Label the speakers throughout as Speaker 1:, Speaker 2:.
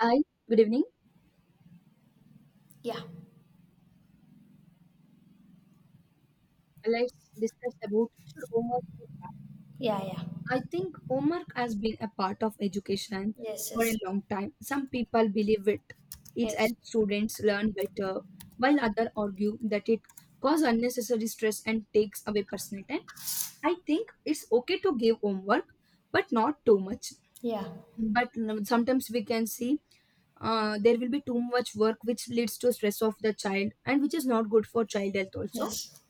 Speaker 1: Hi, good evening.
Speaker 2: Yeah,
Speaker 1: Let's discuss about should homework be banned?
Speaker 2: yeah, yeah.
Speaker 1: I think homework has been a part of education
Speaker 2: Yes,
Speaker 1: for
Speaker 2: yes,
Speaker 1: a long time. Some people believe it
Speaker 2: yes.
Speaker 1: helps students learn better, while others argue that it causes unnecessary stress and takes away personal time. I think it's okay to give homework, but not too much.
Speaker 2: Yeah,
Speaker 1: But sometimes we can see there will be too much work, which leads to stress of the child, and which is not good for child health also.
Speaker 2: yes,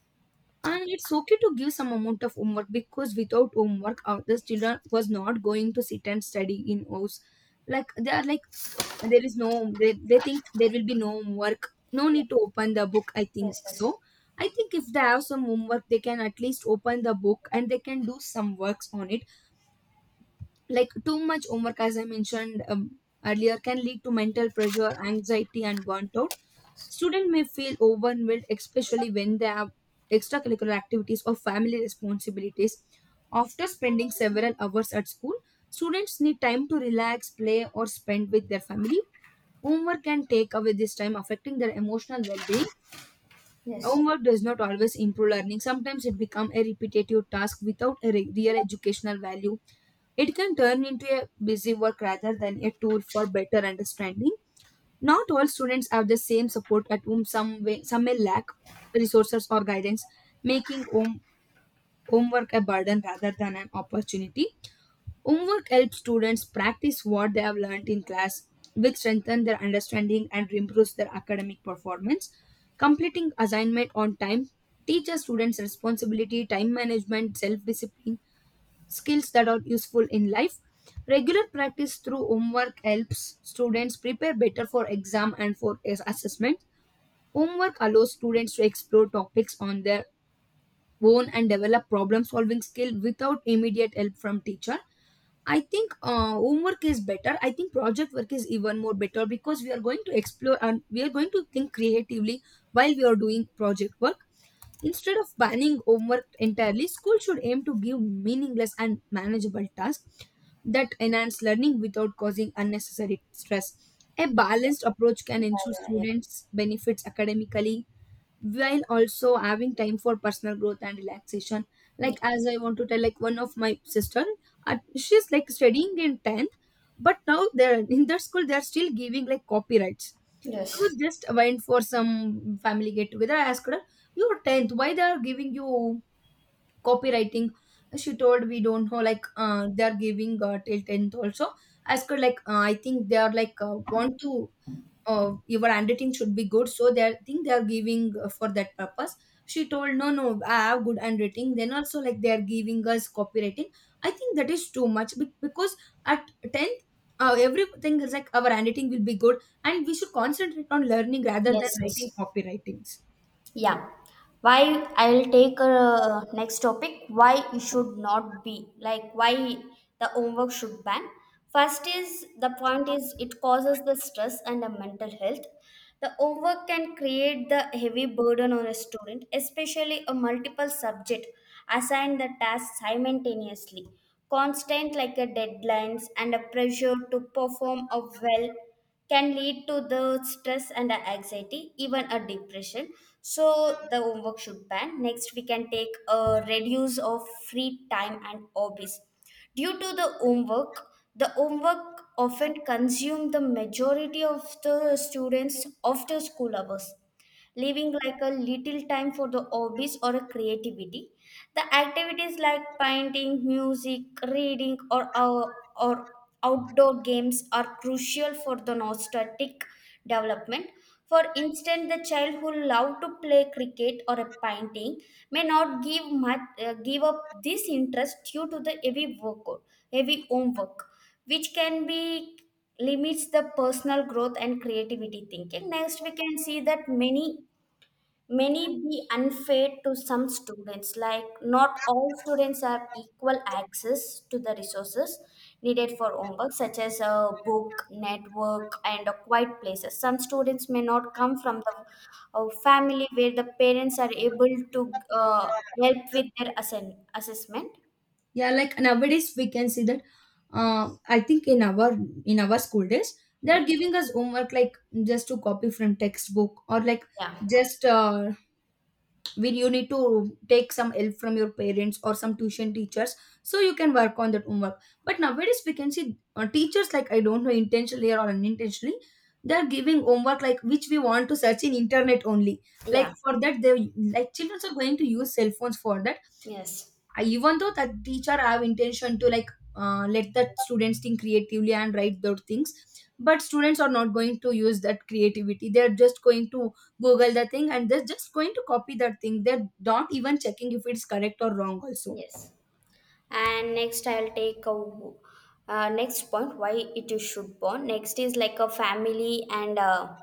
Speaker 1: And it's okay to give some amount of homework because without homework, the children was not going to sit and study in house. Like they are like there is no they, they think there will be no homework, no need to open the book, I think
Speaker 2: yes, yes,
Speaker 1: so. I think if they have some homework they can at least open the book and they can do some works on it. Like too much homework, as I mentioned earlier, can lead to mental pressure, anxiety and burnt out. Students may feel overwhelmed, especially when they have extracurricular activities or family responsibilities. After spending several hours at school, students need time to relax, play, or spend with their family. Homework can take away this time, affecting their emotional well being.
Speaker 2: yes.
Speaker 1: Homework does not always improve learning. Sometimes it becomes a repetitive task without a real educational value. It can turn into a busy work rather than a tool for better understanding. Not all students have the same support at home. Some way, some may lack resources or guidance, making homework a burden rather than an opportunity. Homework helps students practice what they have learned in class, which strengthens their understanding and improves their academic performance. Completing assignment on time teaches students responsibility, time management, self discipline skills that are useful in life. Regular practice through homework helps students prepare better for exam and for assessment. Homework allows students to explore topics on their own and develop problem solving skill without immediate help from teacher. I think homework is better. I think project work is even more better because we are going to explore and we are going to think creatively while we are doing project work. Instead of banning homework entirely, school should aim to give meaningless and manageable tasks that enhance learning without causing unnecessary stress. A balanced approach can
Speaker 2: Yeah,
Speaker 1: ensure
Speaker 2: yeah, yeah.
Speaker 1: students benefits academically while also having time for personal growth and relaxation.
Speaker 2: Yeah.
Speaker 1: Like, as I want to tell, like one of my sister, she's like studying in 10th, but now they're in their school they're still giving like copyrights. I
Speaker 2: Yes,
Speaker 1: was just went for some family get together, I asked her, you're 10th, why they are giving you copywriting? She told we don't know, like they're giving till 10th also. Ask her like, I think they are like, want to, your handwriting should be good, so they think they are giving, for that purpose. She told no, no, I have good handwriting, then also like they are giving us copywriting. I think that is too much because at 10th, everything is like our handwriting will be good and we should concentrate on learning rather
Speaker 2: yes,
Speaker 1: than writing
Speaker 2: yes.
Speaker 1: copywritings.
Speaker 2: Yeah. Why I'll take next topic why it should not be, like, why the homework should ban. First is the point is it causes the stress and the mental health. The homework can create the heavy burden on a student, especially a multiple subject assigned the task simultaneously. Constant like a deadlines and a pressure to perform a well can lead to the stress and the anxiety, even a depression. So the homework should ban. Next, we can take a reduce of free time and hobbies. Due to the homework often consume the majority of the students after school hours, leaving like a little time for the hobbies or a creativity. The activities like painting, music, reading, or outdoor games are crucial for the nostalgic development. For instance, the child who love to play cricket or a painting may not give much, give up this interest due to the heavy workload, heavy homework, which can be limits the personal growth and creativity thinking. Next, we can see that many be unfair to some students, like not all students have equal access to the resources needed for homework, such as a book network and a quiet places. Some students may not come from the family where the parents are able to help with their assessment.
Speaker 1: Yeah, like nowadays we can see that.
Speaker 2: Yes.
Speaker 1: I think in our school days they
Speaker 2: Yeah,
Speaker 1: are giving us homework like just to copy from textbook, or like
Speaker 2: yeah,
Speaker 1: just when you need to take some help from your parents or some tuition teachers so you can work on that homework. But nowadays we can see teachers, like I don't know, intentionally or unintentionally, they are giving homework like which we want to search in internet only. Like
Speaker 2: yeah.
Speaker 1: for that they, like children are going to use cell phones for that.
Speaker 2: Yes.
Speaker 1: I, even though that teacher have intention to like, let the students think creatively and write those things, but students are not going to use that creativity, they're just going to google the thing and they're just going to copy that thing, they're not even checking if it's correct or wrong also.
Speaker 2: Yes. And next, I'll take a next point why it is should bond. Next is like a family and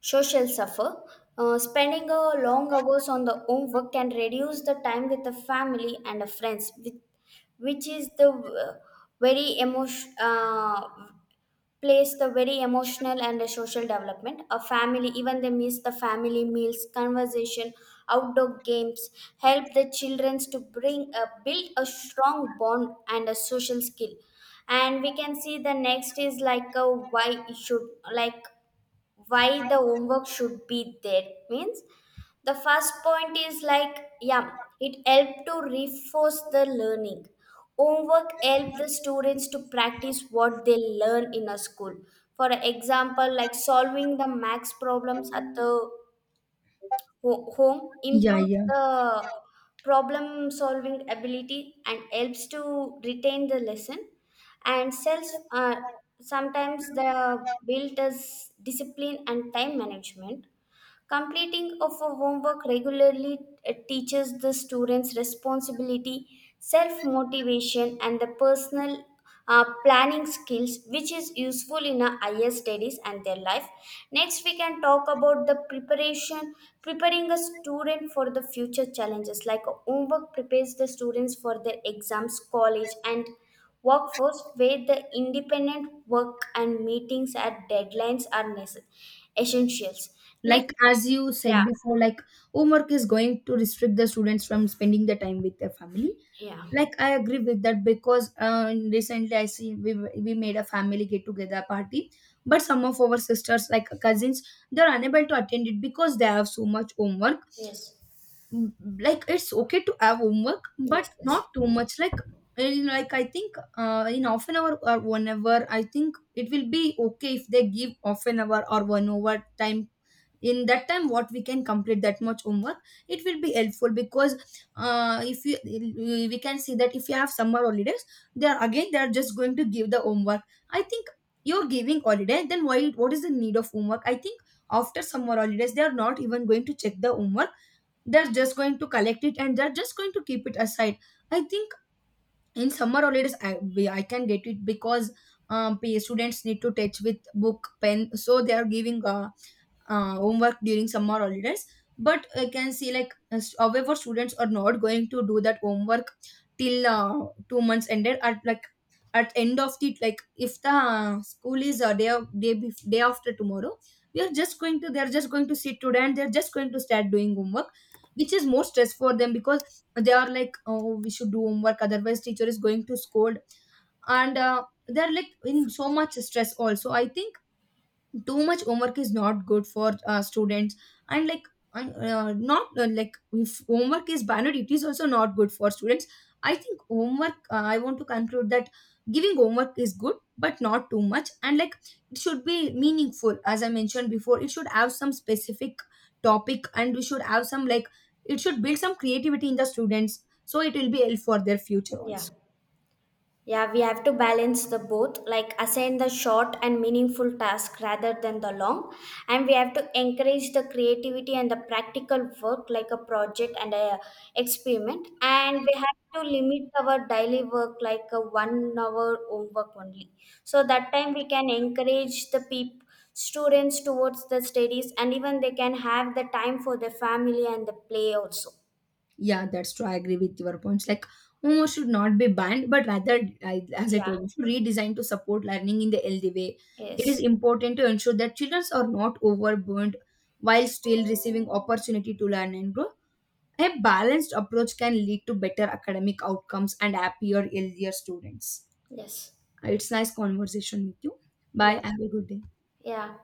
Speaker 2: social suffer. Spending a long hours on the homework can reduce the time with the family and the friends, with, which is the very emotion. Plays the very emotional and the social development. A family, even they miss the family meals, conversation, outdoor games, help the children to bring a, build a strong bond and a social skill. And we can see the next is like a why you should, like, why the homework should be there means the first point is, like, yeah, it helped to reinforce the learning. Homework helped the students to practice what they learn in a school. For example, like solving the max problems at the home
Speaker 1: Yeah,
Speaker 2: improves
Speaker 1: yeah,
Speaker 2: the problem solving ability and helps to retain the lesson and self, uh, sometimes the built as discipline and time management. Completing of a homework regularly teaches the students responsibility, self motivation, and the personal planning skills, which is useful in our higher studies and their life. Next, we can talk about the preparation, preparing a student for the future challenges. Like a homework prepares the students for their exams, college, and workforce where the independent work and meetings at deadlines are essentials. Next,
Speaker 1: like as you
Speaker 2: yeah,
Speaker 1: said before, like homework is going to restrict the students from spending the time with their family.
Speaker 2: yeah,
Speaker 1: Like I agree with that because recently I see we made a family get together party, but some of our sisters, like cousins, they're unable to attend it because they have so much homework.
Speaker 2: yes,
Speaker 1: Mm, like it's okay to have homework but
Speaker 2: yes, yes.
Speaker 1: not too much. Like like I think in half an hour or 1 hour, I think it will be okay if they give half an hour or 1 hour time. In that time what we can complete that much homework, it will be helpful because if you we can see that if you have summer holidays, they are again they are just going to give the homework. I think you're giving holiday then why, what is the need of homework, I think. After summer holidays they are not even going to check the homework, they're just going to collect it and they're just going to keep it aside, I think. In summer holidays I can get it because, students need to touch with book pen, so they are giving homework during summer holidays. But I can see, like however, students are not going to do that homework till 2 months ended at like, at end of the, like if the school is a day of, day bef- day after tomorrow, we are just going to they're just going to sit today and they're just going to start doing homework, which is more stress for them because they are like, oh we should do homework otherwise teacher is going to scold. And they're like in so much stress also, I think. Too much homework is not good for students, and like and, not like if homework is banned it is also not good for students. I think homework, I want to conclude that giving homework is good but not too much, and like it should be meaningful, as I mentioned before, it should have some specific topic and we should have some like, it should build some creativity in the students, so it will be help for their future
Speaker 2: Yeah,
Speaker 1: also.
Speaker 2: yeah, we have to balance the both, like assign the short and meaningful task rather than the long. And we have to encourage the creativity and the practical work, like a project and a experiment. And we have to limit our daily work, like a 1 hour homework only. So that time we can encourage the people, students towards the studies, and even they can have the time for their family and the play also.
Speaker 1: Yeah, that's true. I agree with your points. Like, Momo should not be banned, but rather, I, as I
Speaker 2: Yeah.
Speaker 1: told you, should redesign to support learning in the healthy way. It is
Speaker 2: Yes.
Speaker 1: important to ensure that children are not overburdened while still receiving opportunity to learn and grow. A balanced approach can lead to better academic outcomes and happier, healthier students.
Speaker 2: Yes.
Speaker 1: It's nice conversation with you. Bye.
Speaker 2: Yeah.
Speaker 1: Have a good day.
Speaker 2: Yeah.